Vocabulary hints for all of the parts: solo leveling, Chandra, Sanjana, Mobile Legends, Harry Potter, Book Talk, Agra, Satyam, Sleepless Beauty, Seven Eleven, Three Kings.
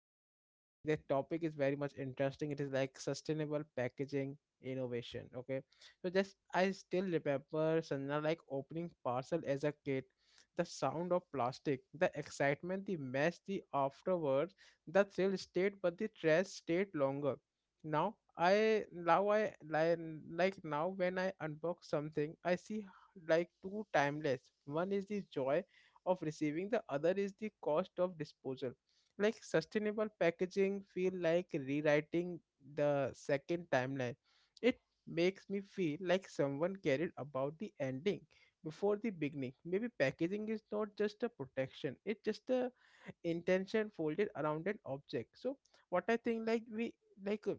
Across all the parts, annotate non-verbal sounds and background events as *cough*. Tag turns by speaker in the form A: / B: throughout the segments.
A: have to be like. The topic is very much interesting. It is like sustainable packaging innovation, okay. So just I still remember Sanjana, like opening parcel as a kid, the sound of plastic, the excitement, the mess, the afterwards, the thrill stayed but the trash stayed longer. now i now i like, like now when I unbox something I see like two timeless, one is the joy of receiving, the other is the cost of disposal. Like sustainable packaging feel like rewriting the second timeline. It makes me feel like someone cared about the ending before the beginning. Maybe packaging is not just a protection, it's just a intention folded around an object. So what I think, like uh,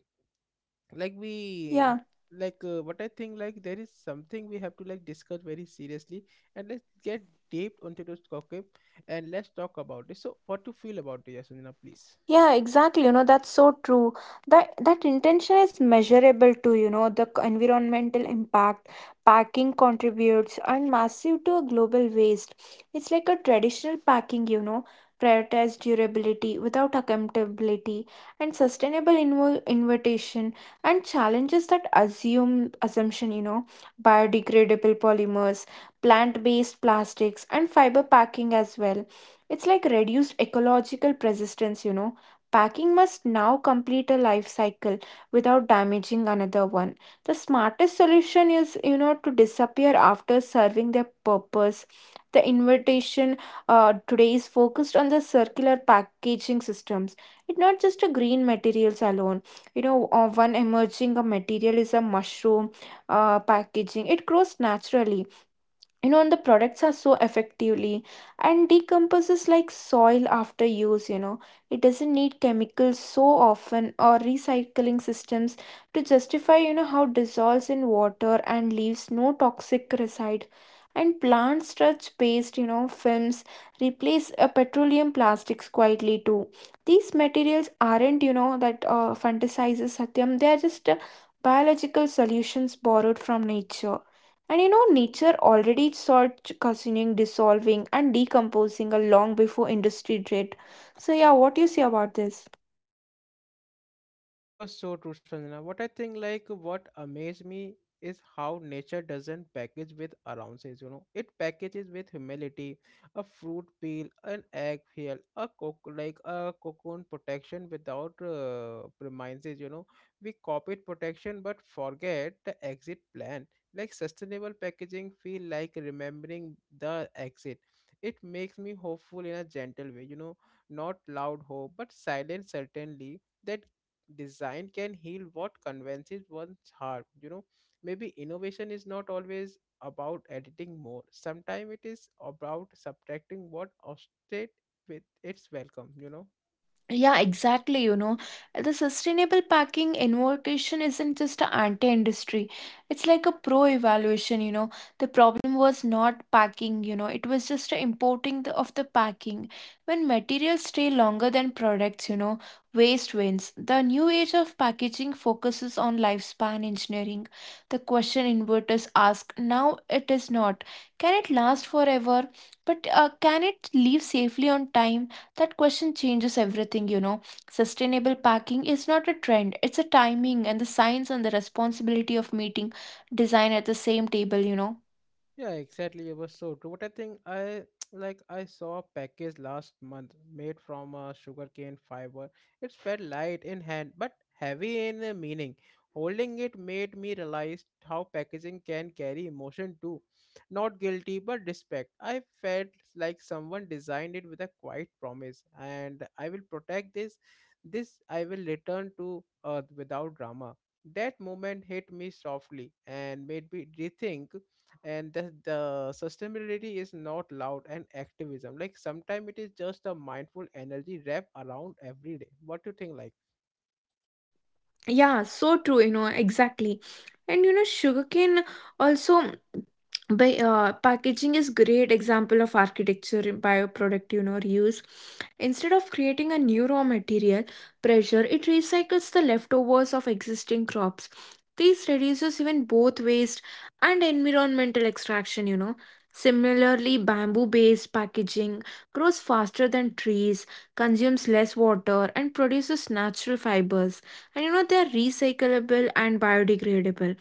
A: like we
B: yeah.
A: like what I think, like there is something we have to like discuss very seriously, and let's get deep into this topic and let's talk about it. So what to feel about this, Sanjana, please?
B: Yeah, exactly. That's so true. That intention is measurable too, the environmental impact packing contributes and massive to a global waste. It's like a traditional packing, prioritized durability without accountability and sustainable invitation and challenges that assume assumption, biodegradable polymers, plant-based plastics and fiber packing as well. It's like reduced ecological persistence. Packing must now complete a life cycle without damaging another one. The smartest solution is, to disappear after serving their purpose. The invitation today is focused on the circular packaging systems. It's not just a green materials alone. One emerging a material is a mushroom packaging. It grows naturally, and the products are so effectively and decomposes like soil after use. It doesn't need chemicals so often or recycling systems to justify, how it dissolves in water and leaves no toxic residue. And plant starch based, films replace petroleum plastics quietly too. These materials aren't, that fantasizes Satyam. They are just biological solutions borrowed from nature. Nature already starts cushioning, dissolving, and decomposing a long before industry did. So, yeah, what do you say about this?
A: You are so true, Sanjana. What I think, like, what amazed me is how nature doesn't package with allowances, you know. It packages with humility, a fruit peel, an egg peel, a coc like a cocoon protection without premises, you know. We copied protection but forget the exit plan. Like sustainable packaging feel like remembering the exit. It makes me hopeful in a gentle way, you know, not loud hope, but silent certainly that design can heal what convinces one's harm, you know. Maybe innovation is not always about editing more, sometimes it is about subtracting what obstate with its welcome, you know.
B: Yeah, exactly. The sustainable packing invocation isn't just an anti-industry. It's like a pro-evaluation, The problem was not packing, it was just a importing of the packing. When materials stay longer than products, waste wins. The new age of packaging focuses on lifespan engineering. The question inverters ask, now it is not. Can it last forever? But can it leave safely on time? That question changes everything, Sustainable packing is not a trend, it's a timing and the science and the responsibility of meeting design at the same table,
A: Yeah, exactly. It was so true. But I think I *tsk* like I saw a package last month made from sugarcane fiber. It felt light in hand but heavy in meaning. Holding it made me realize how packaging can carry emotion too. Not guilty but respect. I felt like someone designed it with a quiet promise and I will protect this. This I will return to earth without drama. That moment hit me softly and made me rethink, and the sustainability is not loud and activism, like sometimes it is just a mindful energy wrap around every day. What do you think, like?
B: Yeah, so true, exactly. Sugarcane also by packaging is great example of architecture in bioproduct, reuse instead of creating a new raw material pressure. It recycles the leftovers of existing crops. This reduces even both waste and environmental extraction, similarly bamboo based packaging grows faster than trees, consumes less water and produces natural fibers, and they're recyclable and biodegradable.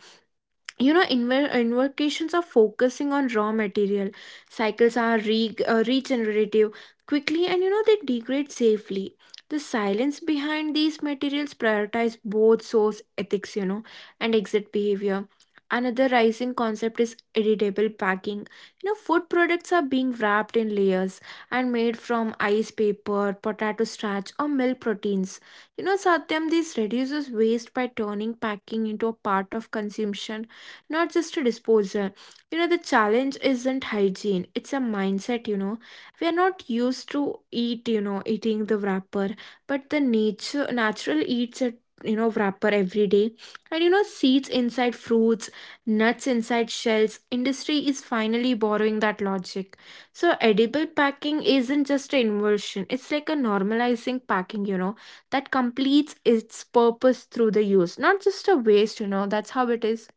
B: Invocations are focusing on raw material cycles are regenerative quickly, and they degrade safely. The silence behind these materials prioritize both source ethics, and exit behavior. Another rising concept is editable packing, food products are being wrapped in layers and made from ice paper, potato starch or milk proteins, Satyam. This reduces waste by turning packing into a part of consumption, not just a disposal. The challenge isn't hygiene, it's a mindset, We are not used to eat, eating the wrapper, but the nature natural eats a, wrapper every day. And you know seeds inside fruits, nuts inside shells industry is finally borrowing that logic. So edible packing isn't just an inversion, it's like a normalizing packing, that completes its purpose through the use, not just a waste, that's how it is.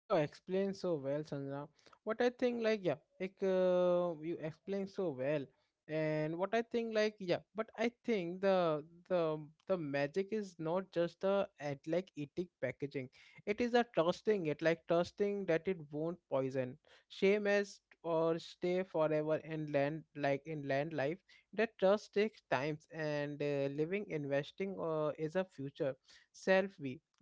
A: You explain so well, Chandra. What I think, like, yeah, like you explain so well, and what I think, like, yeah, but I think the the magic is not just the at like eating packaging. It is a trusting it, like trusting that it won't poison, shame as or stay forever in land, like in land life. That trust takes times, and living, investing, is a future self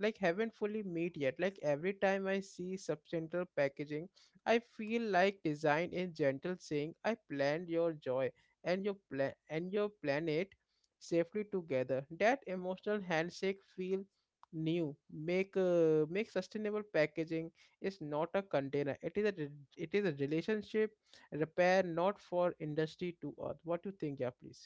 A: like haven't fully met yet. Like every time I see substantial packaging, I feel like design is gentle saying, I planned your joy and your plan and your planet safely together. That emotional handshake feel new. Make make sustainable packaging is not a container, it is a it is a relationship repair not for industry to earth. What do you think, yeah, please?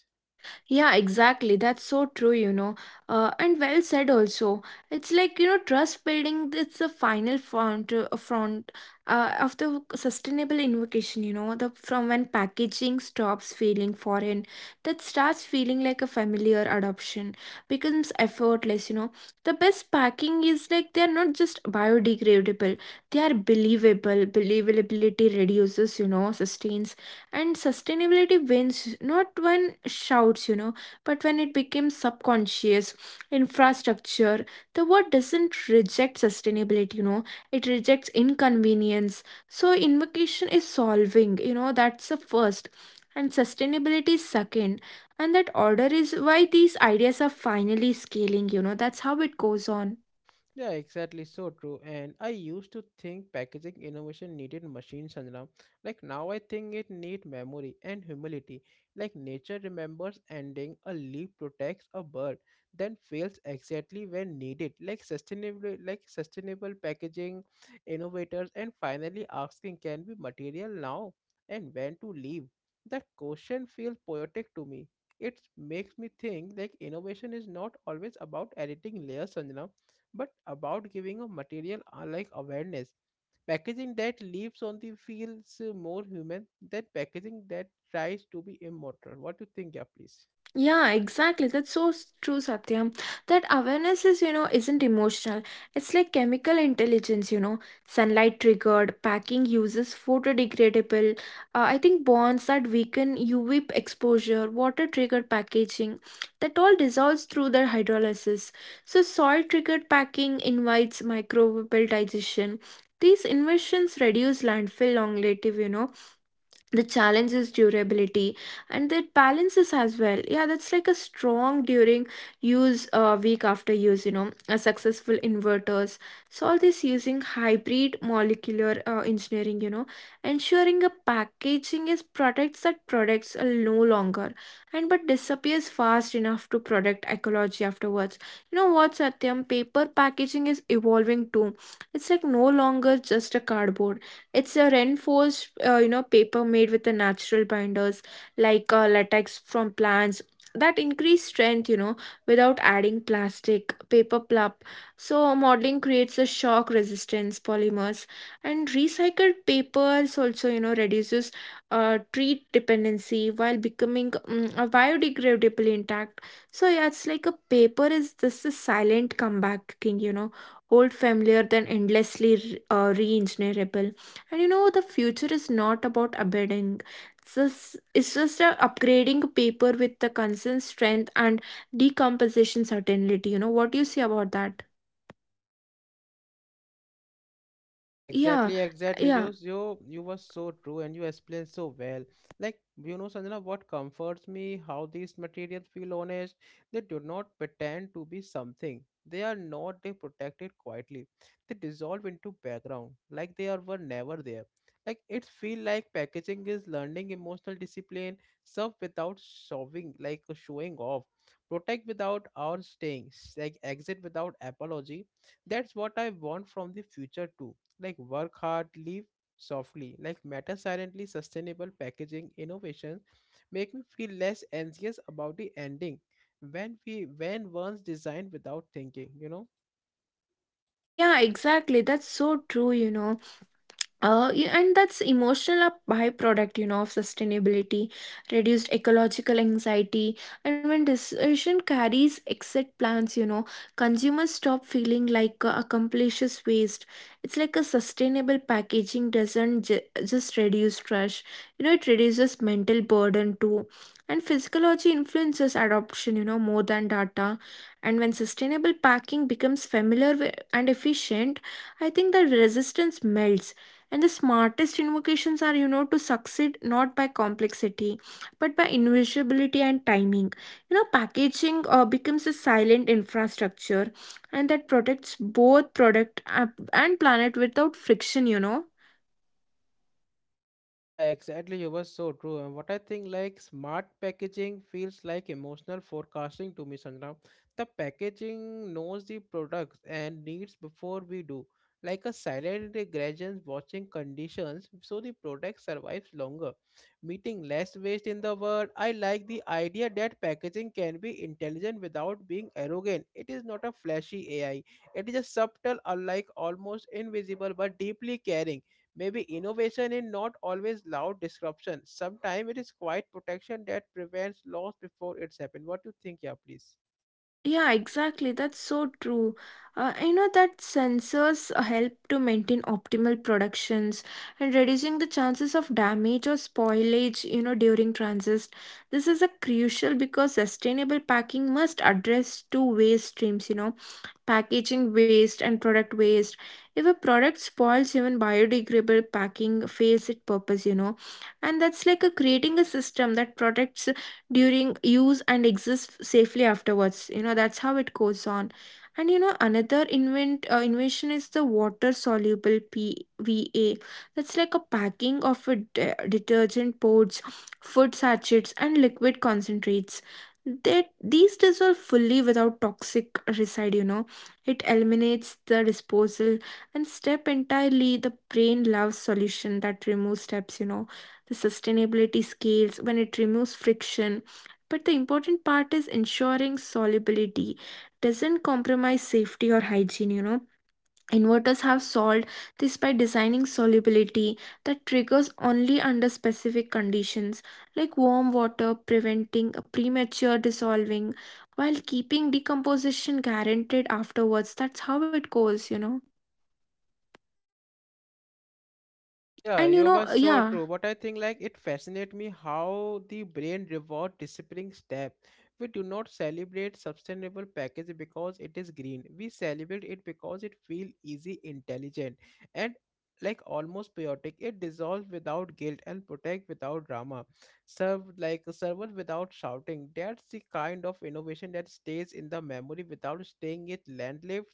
B: Yeah, exactly. That's so true, And well said also. It's like, trust building, it's the final front of the sustainable invocation, the from when packaging stops feeling foreign, that starts feeling like a familiar adoption, becomes effortless, The best packing is like they're not just biodegradable, they are believable. Believability reduces, sustains and sustainability wins not when shouts, but when it becomes subconscious infrastructure. The word doesn't reject sustainability, it rejects inconvenience. So invocation is solving, that's the first and sustainability is second, and that order is why these ideas are finally scaling, that's how it goes on.
A: Yeah, exactly. So true. And I used to think packaging innovation needed machines, Sanjana. Like now I think it need memory and humility. Like nature remembers ending, a leaf protects a bird, then fails exactly when needed. Like sustainable, like sustainable packaging, innovators and finally asking can be material now and when to leave. That question feels poetic to me. It makes me think like innovation is not always about editing layers, Sanjana, but about giving a material are like awareness. Packaging that lives on the feels more human than packaging that tries to be immortal. What do you think, yeah, please?
B: Yeah, exactly. That's so true, Satyam. That awareness is, isn't emotional. It's like chemical intelligence, sunlight triggered, packing uses photodegradable, I think bonds that weaken UV exposure, water triggered packaging, that all dissolves through their hydrolysis. So, soil triggered packing invites microbial digestion. These inventions reduce landfill long, the challenge is durability, and that balances as well. Yeah, that's like a strong during use, week after use, a successful inverters solve this using hybrid molecular engineering, ensuring a packaging is products that products are no longer and but disappears fast enough to protect ecology afterwards. You know what Satyam, paper packaging is evolving too. It's like no longer just a cardboard, it's a reinforced, paper made with the natural binders like latex from plants that increase strength, without adding plastic, paper pulp. So modeling creates a shock resistance polymers, and recycled papers also, reduces treat dependency while becoming a biodegradable intact. So yeah, it's like a paper is this is silent comeback king, old familiar then endlessly re-engineerable. The future is not about upgrading. It's just a upgrading paper with the constant strength and decomposition certainty. You know, what do you say about that?
A: Yeah,
B: Yeah,
A: exactly, exactly.
B: yeah,
A: You were so true, and you explained so well. Like, you know, Sanjana, what comforts me, how these materials feel honest. They do not pretend to be something. They are not. They protect it quietly. They dissolve into background, like they are were never there. Like it feel like packaging is learning emotional discipline, serve without showing, like showing off, protect without our staying, like exit without apology. That's what I want from the future too, like work hard, live softly, like matter silently. Sustainable packaging innovations make me feel less anxious about the ending when we when one's designed without thinking, you know.
B: yeah, exactly. That's so true, Yeah, and that's emotional byproduct, of sustainability, reduced ecological anxiety, and when decision carries exit plans, consumers stop feeling like accomplishes waste. It's like a sustainable packaging doesn't just reduce trash, it reduces mental burden too. And physiology influences adoption, more than data. And when sustainable packing becomes familiar and efficient, I think that resistance melts, and the smartest invocations are, to succeed not by complexity, but by invisibility and timing. Packaging becomes a silent infrastructure, and that protects both product and planet without friction,
A: Yeah, exactly. You were so true. And what I think, like smart packaging feels like emotional forecasting to me, Sanjana. The packaging knows the products and needs before we do, like a silent gradient watching conditions, so the product survives longer, meeting less waste in the world. I like the idea that packaging can be intelligent without being arrogant. It is not a flashy AI. It is a subtle, unlike almost invisible, but deeply caring. Maybe innovation is not always loud disruption. Sometimes it is quiet protection that prevents loss before it's happened. What do you think, yeah, please?
B: Yeah, exactly. That's so true. You know that sensors help to maintain optimal productions and reducing the chances of damage or spoilage, during transit. This is a crucial because sustainable packing must address two waste streams, packaging waste and product waste. If a product spoils, even biodegradable packing fails its purpose, and that's like a creating a system that protects during use and exists safely afterwards, that's how it goes on. And you know another invention is the water soluble pva, that's like a packing of a detergent pods, food sachets and liquid concentrates, that these dissolve fully without toxic residue, it eliminates the disposal and step entirely. The brain loves solution that removes steps, The sustainability scales when it removes friction. But the important part is ensuring solubility doesn't compromise safety or hygiene, Inverters have solved this by designing solubility that triggers only under specific conditions like warm water, preventing a premature dissolving while keeping decomposition guaranteed afterwards. That's how it goes,
A: Yeah,
B: And you
A: you were
B: know,
A: so
B: yeah,
A: true. But I think like it fascinates me how the brain reward disappearing step. We do not celebrate sustainable package because it is green. We celebrate it because it feel easy, intelligent, and like almost chaotic. It dissolves without guilt and protect without drama. Serve like server without shouting. That's the kind of innovation that stays in the memory without staying it landlived.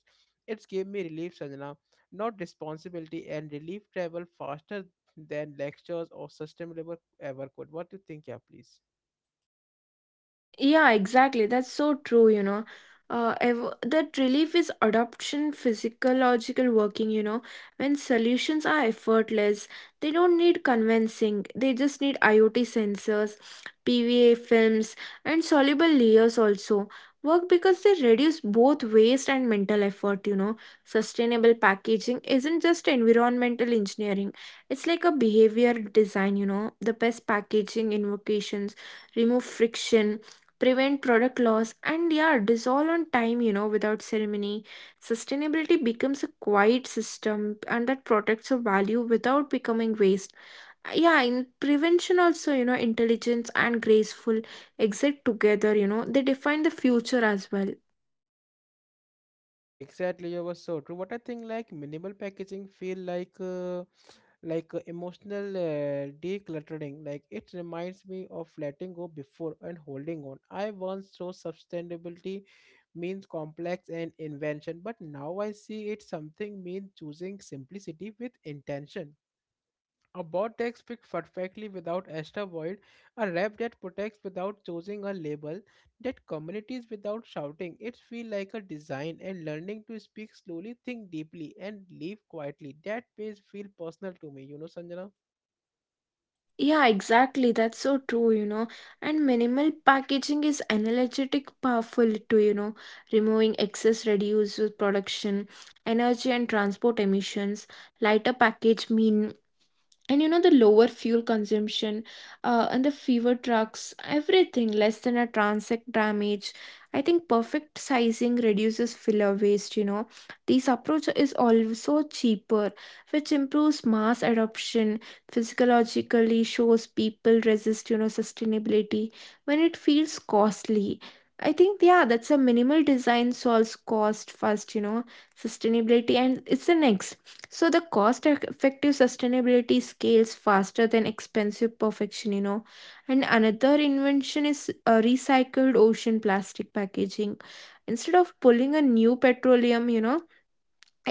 A: It's gave me relief, Sanjana, not responsibility, and relief travel faster than lectures or sustainable ever could. What do you think, yeah, please?
B: Yeah, exactly. That's so true, That relief is adoption, physiological working, When solutions are effortless, they don't need convincing. They just need IoT sensors, PVA films, and soluble layers also. Work because they reduce both waste and mental effort, Sustainable packaging isn't just environmental engineering, it's like a behavior design, The best packaging invocations remove friction, prevent product loss and yeah dissolve on time, without ceremony. Sustainability becomes a quiet system, and that protects a value without becoming waste. Yeah, in prevention also, intelligence and graceful exit together, they define the future as well.
A: Yeah, exactly. You were so true. What I think, like minimal packaging, feel like emotional decluttering. Like it reminds me of letting go before and holding on. I once saw sustainability means complex and invention, but now I see it something means choosing simplicity with intention. A bot text speaks perfectly without extra void, a rap that protects without choosing a label, that communities without shouting. It feels like a design and learning to speak slowly, think deeply, and live quietly. That page feel personal to me, you know, Sanjana.
B: Yeah, exactly. That's so true, And minimal packaging is energetic powerful too, Removing excess reduces production, energy and transport emissions. Lighter package mean, and the lower fuel consumption and the fewer trucks, everything less than a transit damage. I think perfect sizing reduces filler waste, this approach is also cheaper, which improves mass adoption. Physiologically shows people resist, sustainability when it feels costly. I think yeah, that's a minimal design solves cost first, sustainability and it's the next. So the cost effective sustainability scales faster than expensive perfection, And another invention is recycled ocean plastic packaging. Instead of pulling a new petroleum,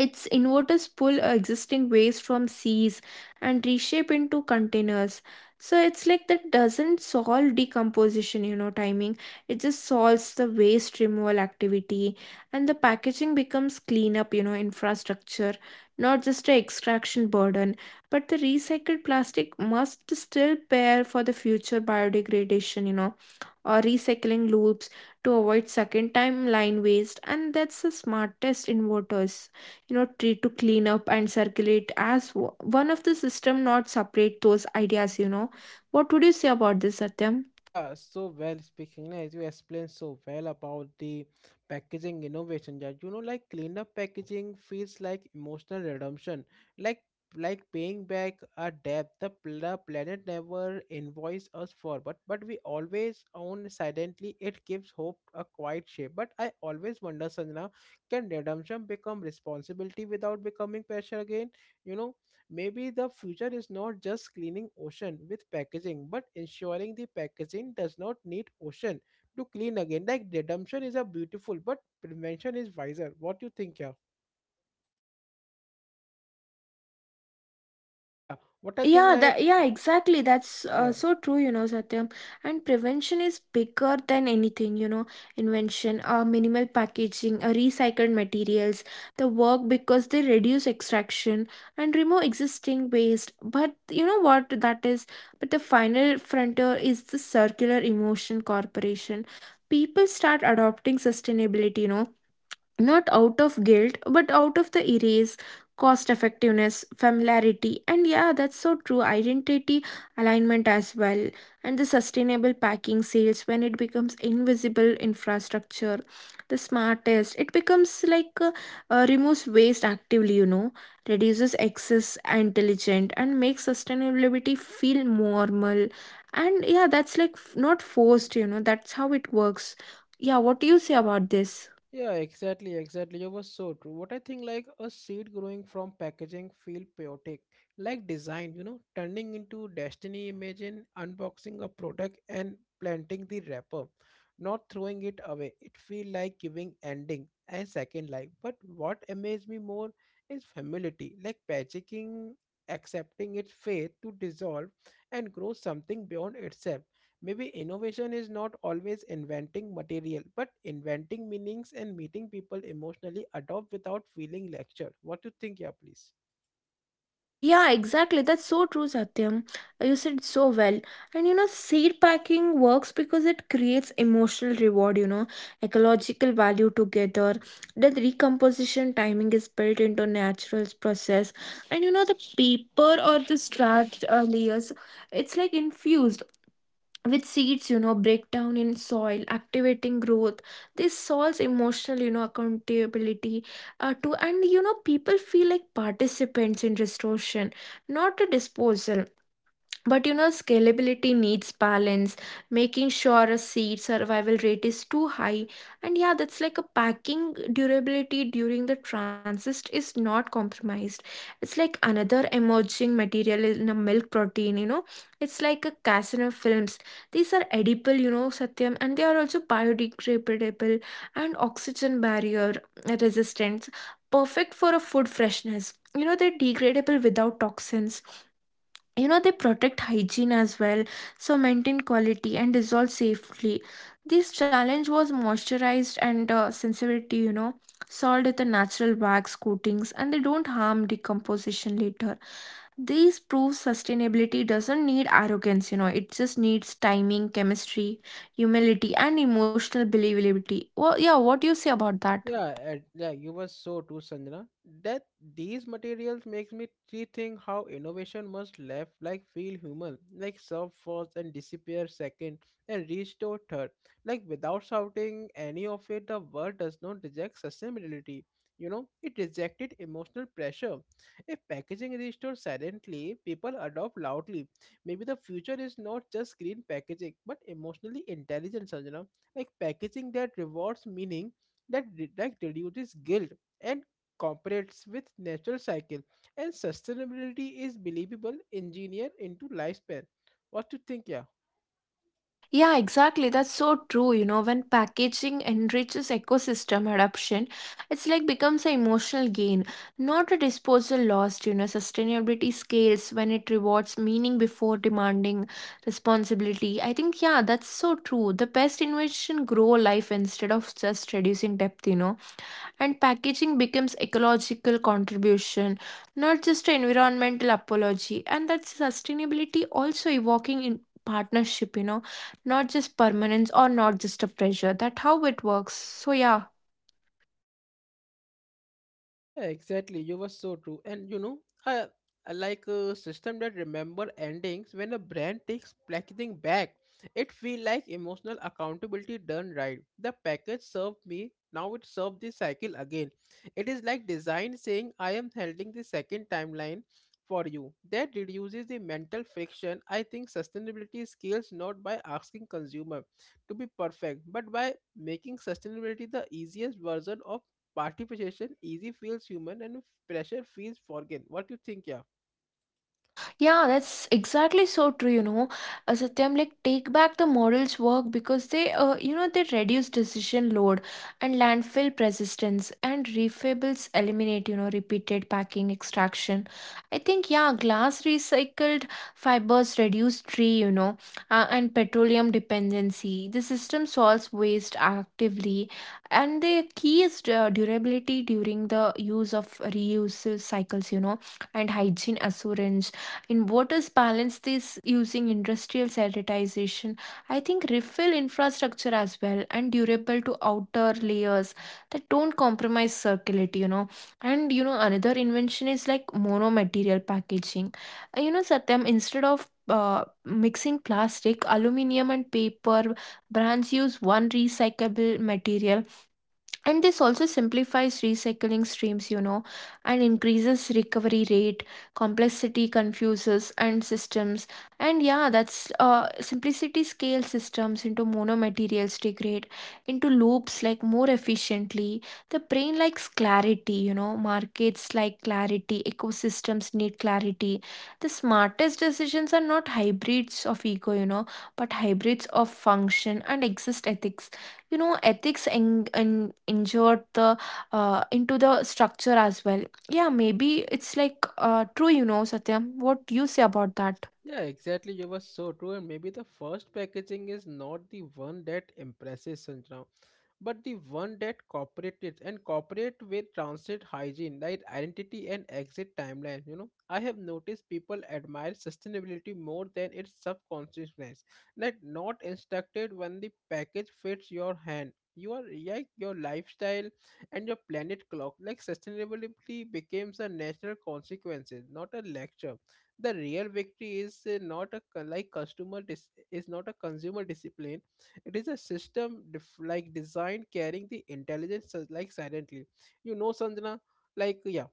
B: its inverters pull existing waste from seas and reshape into containers. So it's like that doesn't solve decomposition, timing. It just solves the waste removal activity, and the packaging becomes cleanup, infrastructure, not just a extraction burden. But the recycled plastic must still pair for the future biodegradation, or recycling loops to avoid second time line waste, and that's the smartest inverters, try to clean up and circulate as one of the system, not separate those ideas. What would you say about this, Satyam?
A: Yeah, so well speaking, as you explained so well about the packaging innovation, yeah, you know, like cleanup packaging feels like emotional redemption, like like paying back a debt the planet never invoiced us for, but we always own silently. It gives hope a quiet shape. But I always wonder, Sanjana, can redemption become responsibility without becoming pressure again? You know. Maybe the future is not just cleaning ocean with packaging, but ensuring the packaging does not need ocean to clean again. Like redemption is a beautiful, but prevention is wiser. What you think, yeah? Yeah. What I think,
B: Yeah,
A: like,
B: exactly. That's
A: yeah.
B: so true, you know, Satyam. And prevention is bigger than anything, you know, invention, minimal packaging, recycled materials, the work because they reduce extraction and remove existing waste. But you know what that is? But the final frontier is the circular emotion corporation. People start adopting sustainability, you know, not out of guilt but out of the erase, cost effectiveness, familiarity, and yeah, that's so true, identity alignment as well. And the sustainable packing sales when it becomes invisible infrastructure, the smartest, it becomes like removes waste actively, you know, reduces excess and diligent, and makes sustainability feel normal. And yeah, that's like not forced, you know, that's how it works. Yeah, what do you say about this?
A: Yeah, exactly, exactly. You were so true. What I think, like a seed growing from packaging, feel chaotic, like design, you know, turning into destiny. Imagine unboxing a product and planting the wrapper, not throwing it away. It feel like giving ending and second life. But what amazed me more is humility, like packaging, accepting its fate to dissolve and grow something beyond itself. Maybe innovation is not always inventing material, but inventing meanings and meeting people emotionally adopt without feeling lectured. What do you think, yeah, please?
B: Yeah, exactly. That's so true, Satyam. You said so well. And you know, seed packing works because it creates emotional reward, you know, ecological value together. The recomposition timing is built into natural process. And you know, the paper or the starch layers, it's like infused with seeds, you know, break down in soil activating growth. This solves emotional, you know, accountability too, and you know, people feel like participants in restoration, not a disposal. But you know, scalability needs balance, making sure a seed survival rate is too high. And yeah, that's like a packing durability during the transist is not compromised. It's like another emerging material in a milk protein, you know. It's like a casino films. These are edible, you know, Satyam, and they are also biodegradable and oxygen barrier resistant. Perfect for a food freshness. You know, they're degradable without toxins, you know, they protect hygiene as well, so maintain quality and dissolve safely. This challenge was moisturized and sensitivity, you know, solved with the natural wax coatings, and they don't harm decomposition later. These proves sustainability doesn't need arrogance, you know, it just needs timing, chemistry, humility, and emotional believability. Well, yeah, what do you say about that?
A: Yeah, and yeah, you were so too, Sanjana. That these materials makes me rethink how innovation must left like feel human, like serve first and disappear second and restore third. Like without shouting any of it, the world does not reject sustainability. You know, it rejected emotional pressure. If packaging restores silently, people adopt loudly. Maybe the future is not just green packaging, but emotionally intelligent, Sanjana. Like packaging that rewards meaning, that like reduces guilt, and cooperates with natural cycle, and sustainability is believable engineered into lifespan. What to think, yeah?
B: Yeah, exactly. That's so true. You know, when packaging enriches ecosystem adoption, it's like becomes an emotional gain, not a disposal lost. You know, sustainability scales when it rewards meaning before demanding responsibility. I think, yeah, that's so true. The best innovation grow life instead of just reducing depth, you know, and packaging becomes ecological contribution, not just an environmental apology. And that's sustainability also evoking in partnership, you know, not just permanence or not just a pressure. That how it works, so yeah.
A: Yeah, exactly. You were so true. And you know, I, I like a system that remember endings when a brand takes packaging back. It feel like emotional accountability done right. The package served me, now it served the cycle again. It is like design saying, I am holding the second timeline for you. That reduces the mental friction. I think sustainability scales not by asking consumer to be perfect, but by making sustainability the easiest version of participation. Easy feels human and pressure feels foreign. What do you think, yeah?
B: Yeah, that's exactly so true, you know. Satyam, like, take back the model's work because they, you know, they reduce decision load and landfill persistence, and refables eliminate, you know, repeated packing extraction. I think, yeah, glass recycled fibers reduce tree, you know, and petroleum dependency. The system solves waste actively, and the key is durability during the use of reuse cycles, you know, and hygiene assurance in waters, balance this using industrial sanitization. I think refill infrastructure as well, and durable to outer layers that don't compromise circularity, you know. And you know, another invention is like monomaterial packaging. You know, Satyam, instead of mixing plastic, aluminium, and paper, brands use one recyclable material, and this also simplifies recycling streams, you know, and increases recovery rate. Complexity confuses and systems, and yeah, that's simplicity scale systems into monomaterials, degrade into loops like more efficiently. The brain likes clarity, you know, markets like clarity, ecosystems need clarity. The smartest decisions are not hybrids of ego, you know, but hybrids of function and exist ethics, you know, ethics injured the into the structure as well. Yeah, maybe it's like true, you know, Satyam, what do you say about that?
A: Yeah, exactly. You were so true. And maybe the first packaging is not the one that impresses Sanjana. But the one that cooperates and cooperate with transit hygiene like identity and exit timeline. You know, I have noticed people admire sustainability more than its subconsciousness, like not instructed. When the package fits your hand, you are like your lifestyle and your planet clock. Like sustainability becomes a natural consequence, not a lecture. The real victory is not a customer is not a consumer discipline. It is a system designed, carrying the intelligence like silently. You know, Sanjana, like yeah,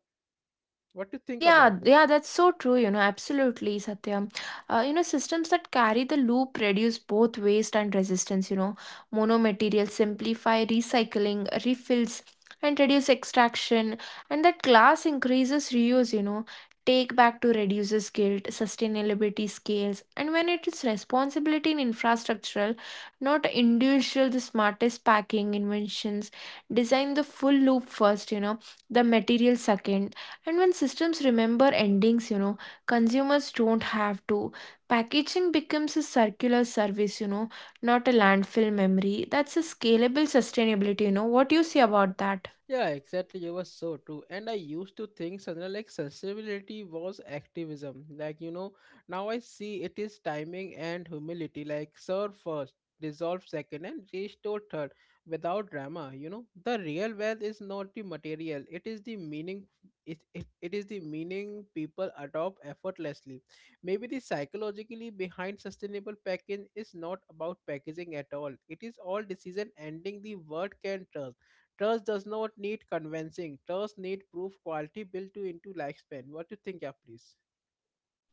A: what do you think about
B: Yeah,
A: this?
B: yeah, that's so true, you know, absolutely, Satyam. You know, systems that carry the loop reduce both waste and resistance, you know. Monomaterials simplify recycling, refills, and reduce extraction, and that class increases reuse, you know. Take back to reduces guilt, sustainability scales, and when it is responsibility in infrastructural, not individual, the smartest packing inventions, design the full loop first, you know, the material second, and when systems remember endings, you know, consumers don't have to. Packaging becomes a circular service, you know, not a landfill memory. That's a scalable sustainability, you know. What do you say about that?
A: Yeah, exactly. You were so true. And I used to think something like sustainability was activism. Like, you know, now I see it is timing and humility. Like, serve first, dissolve second, and restore third without drama. You know, the real wealth is not the material, it is the meaning. It is the meaning people adopt effortlessly. Maybe the psychologically behind sustainable packaging is not about packaging at all. It is all decision ending the word can trust. Trust does not need convincing. Trust need proof quality built to into lifespan. What do you think, yeah, please?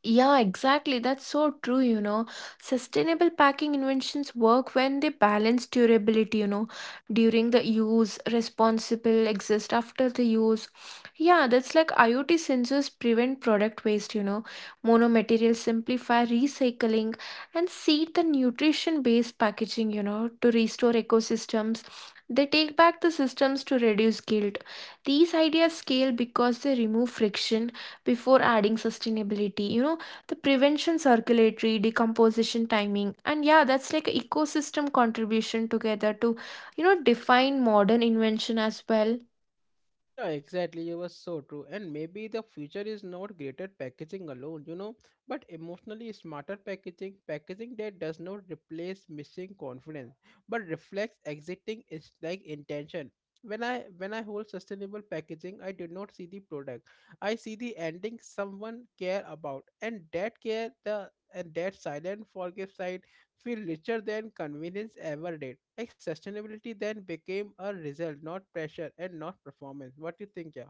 B: Yeah, exactly. That's so true, you know. Sustainable packing inventions work when they balance durability, you know, during the use, responsible exist after the use. Yeah, that's like IoT sensors prevent product waste, you know. Monomaterials simplify recycling and seed the nutrition-based packaging, you know, to restore ecosystems. They take back the systems to reduce guilt. These ideas scale because they remove friction before adding sustainability, you know, the prevention, circulatory, decomposition timing, and yeah, that's like a ecosystem contribution together to, you know, define modern invention as well.
A: Yeah, exactly. You were so true. And maybe the future is not greater packaging alone, you know, but emotionally smarter packaging, packaging that does not replace missing confidence, but reflects exiting is like intention. When I hold sustainable packaging, I do not see the product. I see the ending someone care about, and that care the and that silent forgive side feel richer than convenience ever did. Like sustainability then became a result, not pressure and not performance. What do you think, yeah?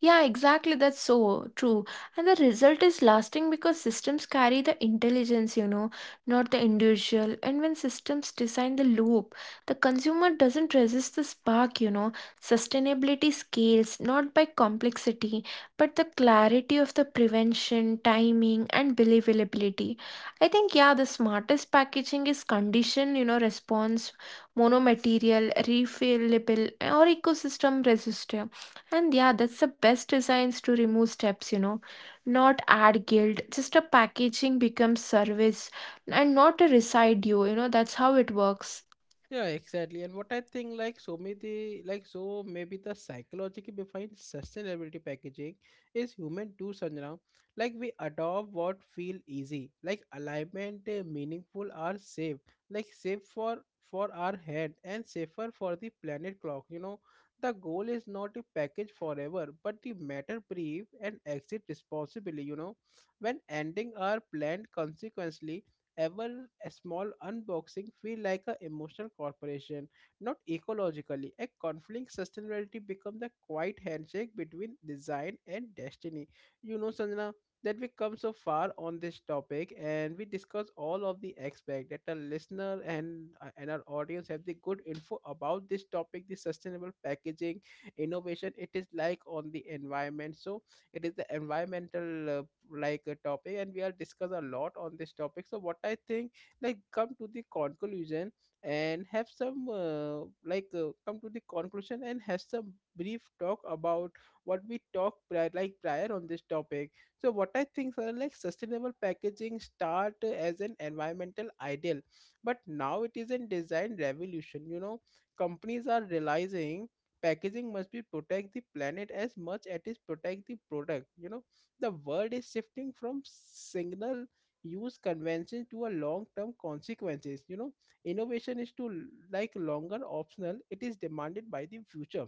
B: Yeah, exactly. That's so true. And the result is lasting because systems carry the intelligence, you know, not the individual. And when systems design the loop, the consumer doesn't resist the spark, you know. Sustainability scales not by complexity, but the clarity of the prevention, timing, and believability. I think, yeah, the smartest packaging is condition, you know, response, monomaterial, refillable, or ecosystem resistant. And yeah, that's the best designs to remove steps, you know, not add guilt. Just a packaging becomes service and not a residue, you know, that's how it works.
A: Yeah, exactly. And what I think, so maybe the psychology behind sustainability packaging is human too, Sanjana. Like, we adopt what feel easy, like alignment, meaningful, are safe, like safe for our head and safer for the planet clock. You know, the goal is not to package forever, but the matter brief and exit responsibly. You know, when ending our planned consequently ever a small unboxing feel like an emotional corporation, not ecologically. A conflict sustainability become the quiet handshake between design and destiny. You know, Sanjana, that we come so far on this topic and we discuss all of the aspect, that our listener and our audience have the good info about this topic, the sustainable packaging innovation. It is like on the environment. So it is the environmental like a topic, and we are discuss a lot on this topic. So what I think, like come to the conclusion and have some come to the conclusion and have some brief talk about what we talked prior on this topic. So what I think, sir, like sustainable packaging start as an environmental ideal, but now it is a design revolution, you know. Companies are realizing packaging must be protect the planet as much as it is protect the product, you know. The world is shifting from signal use convention to a long term consequences, you know. Innovation is to like longer optional, it is demanded by the future,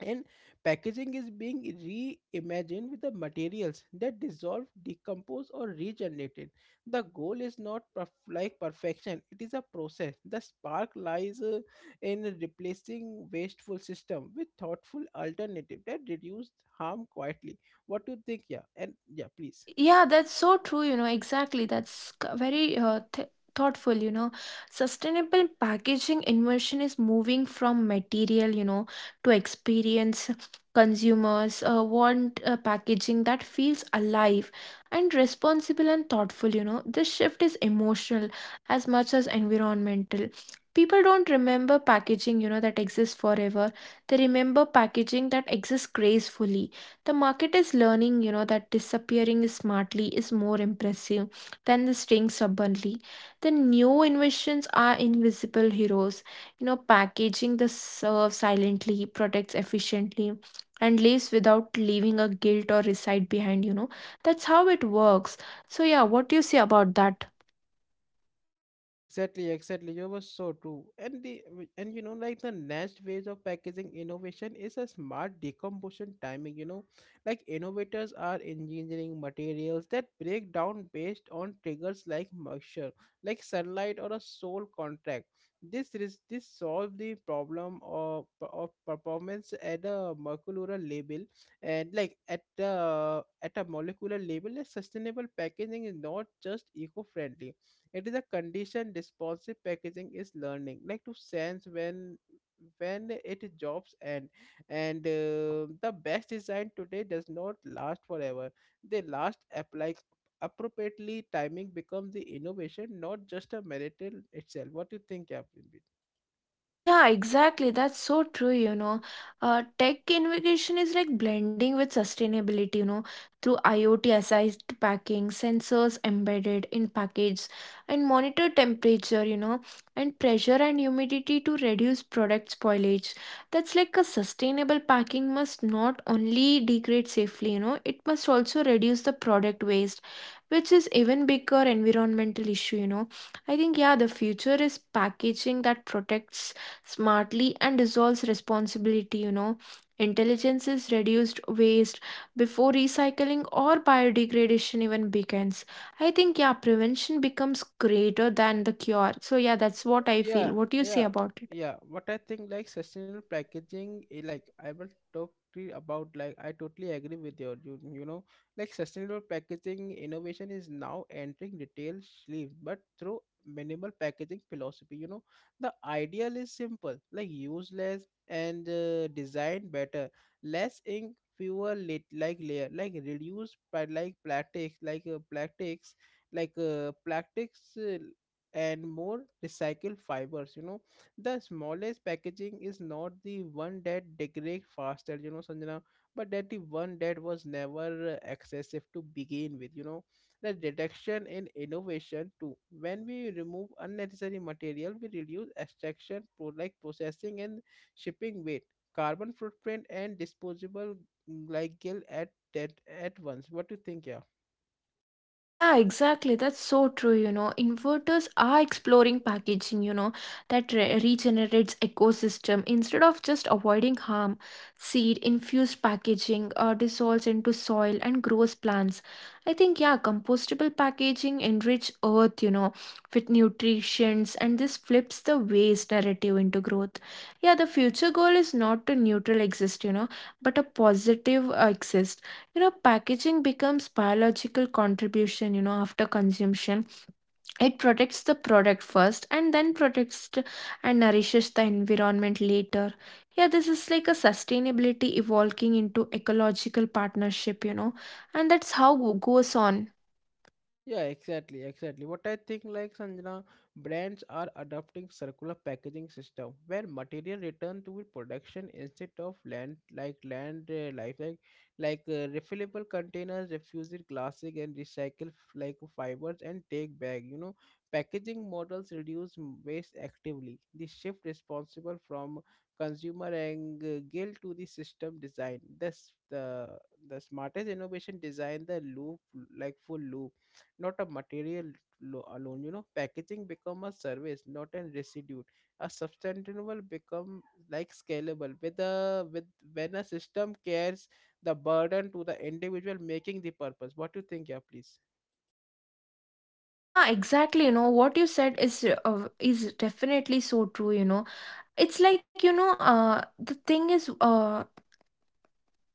A: and packaging is being reimagined with the materials that dissolve, decompose or regenerated. The goal is not perfection, it is a process. The spark lies in replacing wasteful system with thoughtful alternative that reduce harm quietly. What do you think, yeah, and yeah, please?
B: Yeah, that's so true, you know, exactly. That's very thoughtful, you know. Sustainable packaging inversion is moving from material, you know, to experience. Consumers want packaging that feels alive and responsible and thoughtful, you know. This shift is emotional as much as environmental. People don't remember packaging, you know, that exists forever. They remember packaging that exists gracefully. The market is learning, you know, that disappearing smartly is more impressive than the staying stubbornly. The new inventions are invisible heroes, you know, packaging the serve silently, protects efficiently, and leaves without leaving a guilt or recite behind, you know. That's how it works. So yeah, what do you say about that?
A: Exactly, exactly. You were so true. And you know, like the next phase of packaging innovation is a smart decomposition timing, you know. Like innovators are engineering materials that break down based on triggers like moisture, like sunlight or a soil contract. This solve the problem of performance at a molecular level, and like at the at a molecular level, a sustainable packaging is not just eco-friendly, it is a condition responsive. Packaging is learning, like to sense when it jobs end, and the best design today does not last forever, they last apply appropriately. Timing becomes the innovation, not just a merit in itself. What do you think, Captain?
B: Yeah, exactly. That's so true, you know. Tech innovation is like blending with sustainability, you know, through IoT assisted packing, sensors embedded in packages, and monitor temperature, you know, and pressure and humidity to reduce product spoilage. That's like a sustainable packing must not only degrade safely, you know, it must also reduce the product waste, which is even bigger environmental issue, you know. I think, yeah, the future is packaging that protects smartly and dissolves responsibility, you know. Intelligence is reduced waste before recycling or biodegradation even begins. I think, yeah, prevention becomes greater than the cure. So yeah, that's what I
A: Yeah,
B: feel. What do you say
A: yeah,
B: about it?
A: yeah. What I think, like sustainable packaging like I will talk to you about, like I totally agree with you know, like sustainable packaging innovation is now entering retail shelves, but through minimal packaging philosophy, you know. The ideal is simple, like use less and design better. Less ink, fewer lit like layer, like reduce pla- like plastics like plastics like plastics and more recycled fibers, you know. The smallest packaging is not the one that degrades faster, you know, Sanjana, but that the one that was never excessive to begin with, you know. The reduction in innovation too, when we remove unnecessary material, we reduce extraction processing and shipping weight, carbon footprint and disposable like gill at that at once. What do you think, yeah?
B: Yeah, exactly. That's so true. You know, inverters are exploring packaging, you know, that regenerates ecosystem instead of just avoiding harm. Seed infused packaging dissolves into soil and grows plants. I think, yeah, compostable packaging enrich earth, you know, with nutrients, and this flips the waste narrative into growth. Yeah, the future goal is not to neutral exist, you know, but a positive exist. You know, packaging becomes biological contribution, you know, after consumption. It protects the product first and then and nourishes the environment later. Yeah, this is like a sustainability evolving into ecological partnership, you know, and that's how goes on.
A: Yeah, exactly, exactly. What I think, like Sanjana, brands are adopting circular packaging system where material return to production instead of land life, like refillable containers, refused plastic, and recycle fibers, and take back. You know, packaging models reduce waste actively. The shift responsible from consumer and guilt to the system design. This the smartest innovation design the loop, like full loop, not a material alone, you know. Packaging become a service, not a residue. A sustainable become like scalable with, when a system cares, the burden to the individual making the purpose. What do you think, yeah, please?
B: Yeah, exactly. You know, what you said is definitely so true, you know. It's like, you know, the thing is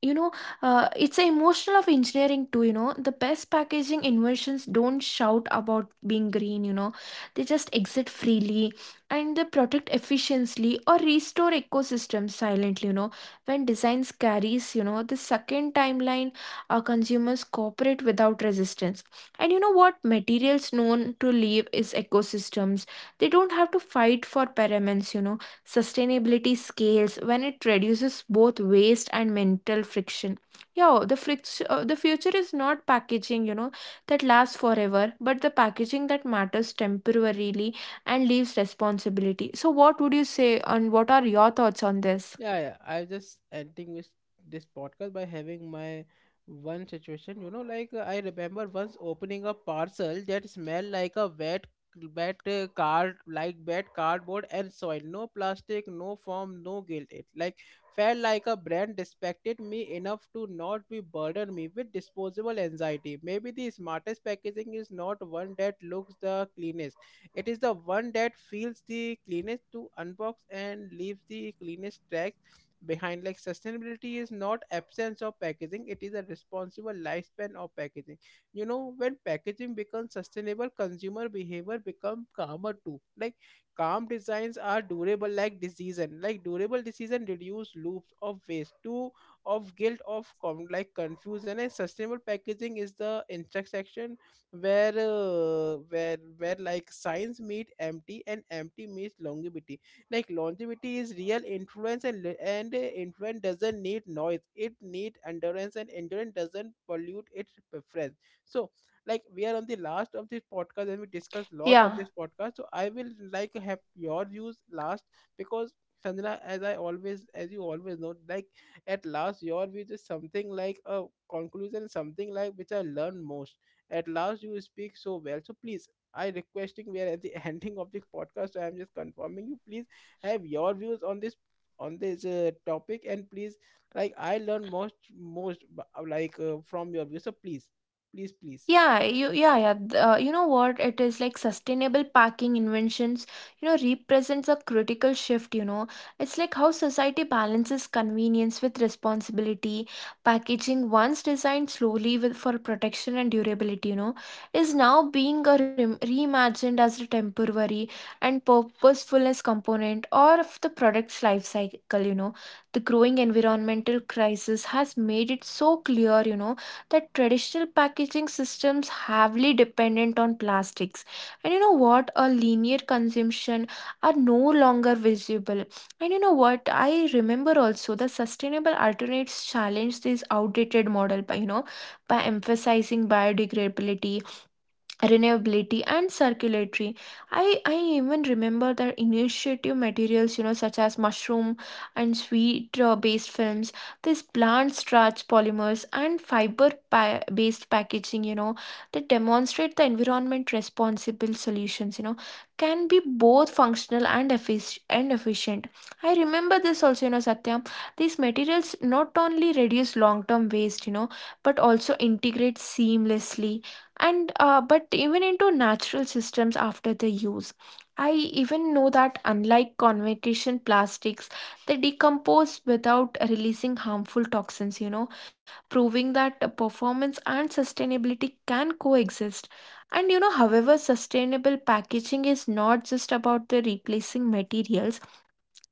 B: you know, it's a emotional of engineering too, you know, the best packaging inventions don't shout about being green, you know, they just exit freely and they protect efficiently or restore ecosystems silently, you know. When designs carries, you know, the second timeline, consumers cooperate without resistance, and you know what, materials known to leave is ecosystems, they don't have to fight for pyramids, you know. Sustainability scales when it reduces both waste and mental friction. Yeah, the friction, the future is not packaging, you know, that lasts forever, but the packaging that matters temporarily and leaves responsibility. So, what would you say, and what are your thoughts on this?
A: Yeah, yeah. I'm just ending with this podcast by having my one situation. You know, like I remember once opening a parcel that smelled like a wet cardboard and soil. No plastic, no foam, no guilt. It like felt like a brand respected me enough to not be burden me with disposable anxiety. Maybe the smartest packaging is not one that looks the cleanest, it is the one that feels the cleanest to unbox and leaves the cleanest track behind. Like sustainability is not absence of packaging; it is a responsible lifespan of packaging. You know, when packaging becomes sustainable, consumer behavior become calmer too. Like calm designs are durable, like decision. Like durable decision reduce loops of waste to of guilt of confusion, and sustainable packaging is the intersection where like science meet empty and empty meets longevity. Like longevity is real influence, and influence doesn't need noise, it need endurance, and endurance doesn't pollute its preference. So like we are on the last of this podcast and we discussed lot on
B: Yeah.
A: this podcast, so I will like have your views last, because Sanjana, as I always, as you always know, like at last your views is something like a conclusion, something like which I learned most. At last, you speak so well. So please, I requesting we are at the *laughs* ending of the podcast. So I'm just confirming you, please have your views on this topic, and please, like I learn most most from your views. So please, please, please.
B: Yeah, you, yeah, yeah. th- You know what? It is like sustainable packing inventions, you know, represents a critical shift, you know. It's like how society balances convenience with responsibility. Packaging, once designed slowly with, for protection and durability, you know, is now being a rem reimagined as a temporary and purposefulness component or of the product's life cycle, you know. The growing environmental crisis has made it so clear, you know, that traditional packaging systems heavily dependent on plastics. And you know what? A linear consumption are no longer visible. And you know what? I remember also the sustainable alternates challenge this outdated model by, you know, by emphasizing biodegradability, renewability, and circulatory. I even remember that initiative materials, you know, such as mushroom and sweet based films, this plant starch polymers and fiber based packaging, you know, that demonstrate the environment responsible solutions, you know, can be both functional and and efficient. I remember this also, you know, Satya, these materials not only reduce long term waste, you know, but also integrate seamlessly and but even into natural systems after the use. I even know that unlike convention plastics, they decompose without releasing harmful toxins, you know, proving that performance and sustainability can coexist. And you know, however, sustainable packaging is not just about the replacing materials,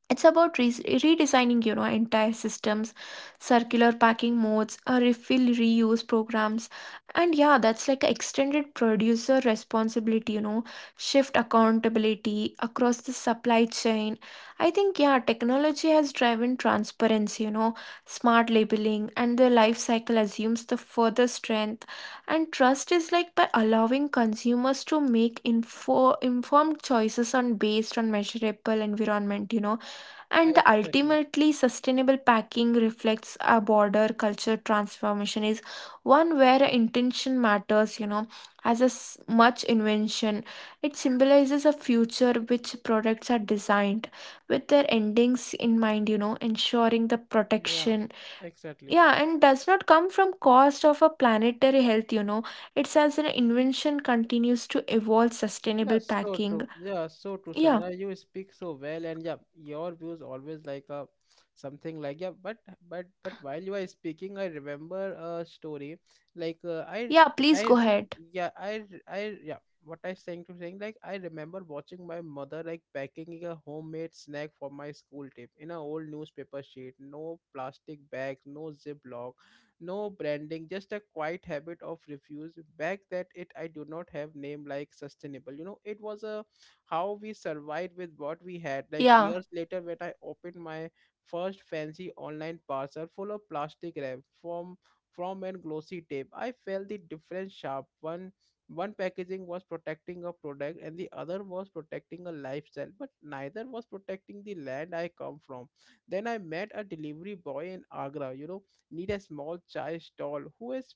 B: it's about redesigning, you know, entire systems. Circular packing modes, refill reuse programs, and yeah, that's like a extended producer responsibility, you know, shift accountability across the supply chain. I think, yeah, technology has driven transparency, you know, smart labeling and the life cycle assumes the further strength and trust is like by allowing consumers to make informed choices on based on measurable environment, you know.
A: Yeah,
B: And the
A: exactly.
B: ultimately sustainable packing reflects a border culture transformation is one where intention matters, you know, as a much invention. It symbolizes a future which products are designed with their endings in mind, you know, ensuring the
A: Yeah,
B: protection.
A: exactly.
B: Yeah, and does not come from cost of a planetary health, you know. It's as an invention continues to evolve
A: Yeah,
B: sustainable
A: so
B: packing.
A: true. Yeah, so true,
B: Yeah.
A: Sanjana. You speak so well, and yeah, your views always like a something like yeah. But while you are speaking, I remember a story. Like I
B: Yeah, please go
A: I
B: ahead.
A: yeah. What I saying to saying, like I remember watching my mother like packing a homemade snack for my school trip in a old newspaper sheet. No plastic bags, no Ziploc, no branding, just a quiet habit of refuse back that it I do not have name like sustainable, you know. It was a how we survived with what we had. Like
B: Yeah.
A: years later when I opened my first fancy online parcel full of plastic wrap
B: Yeah.
A: from and glossy tape, I felt the difference sharp. One one packaging was protecting a product and the other was protecting a lifestyle, but
B: Yeah,
A: neither
B: that's
A: was
B: like
A: protecting the land I
B: relevant, you
A: come from.
B: know.
A: Then I met a delivery boy in Agra, you know, need a small chai stall who is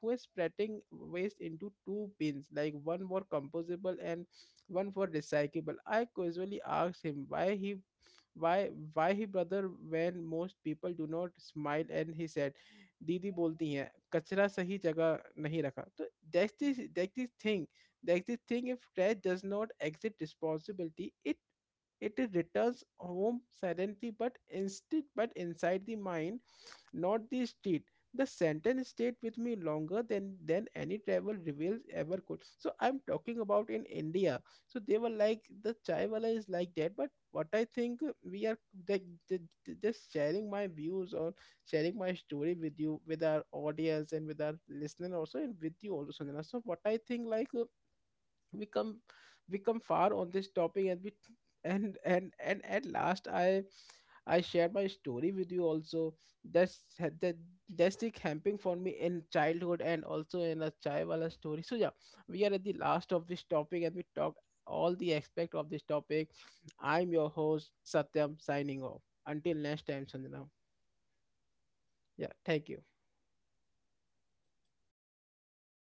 A: who is spreading waste into two bins, like one for composable and one for recyclable. I casually asked him why he brother, when most people do not smile, and he said, दीदी बोलती हैं कचरा सही जगह नहीं रखा तो that this thing, if trash does not exit responsibility, it returns home silently. But instead, but inside the mind, not the street. The sentence stayed with me
B: Yeah,
A: longer than any travel
B: exactly.
A: reveals ever could. So I'm talking about in India. So they were like the chai wala is like that, but what I think we are like j- just sharing my views or sharing my story with you, with our audience and with our listener also, and with you also, Sanjana. So what I think like. We come far on this topic, and we and at last I share my story with you also. That that's the camping for me in childhood and also in a chaiwala story. So yeah, we are at the last of this topic and we talk all the aspect of this topic. I'm your host, Satyam, signing off until next time. Sanjana, yeah, thank you.
B: Yeah, okay. Bye. Thank you.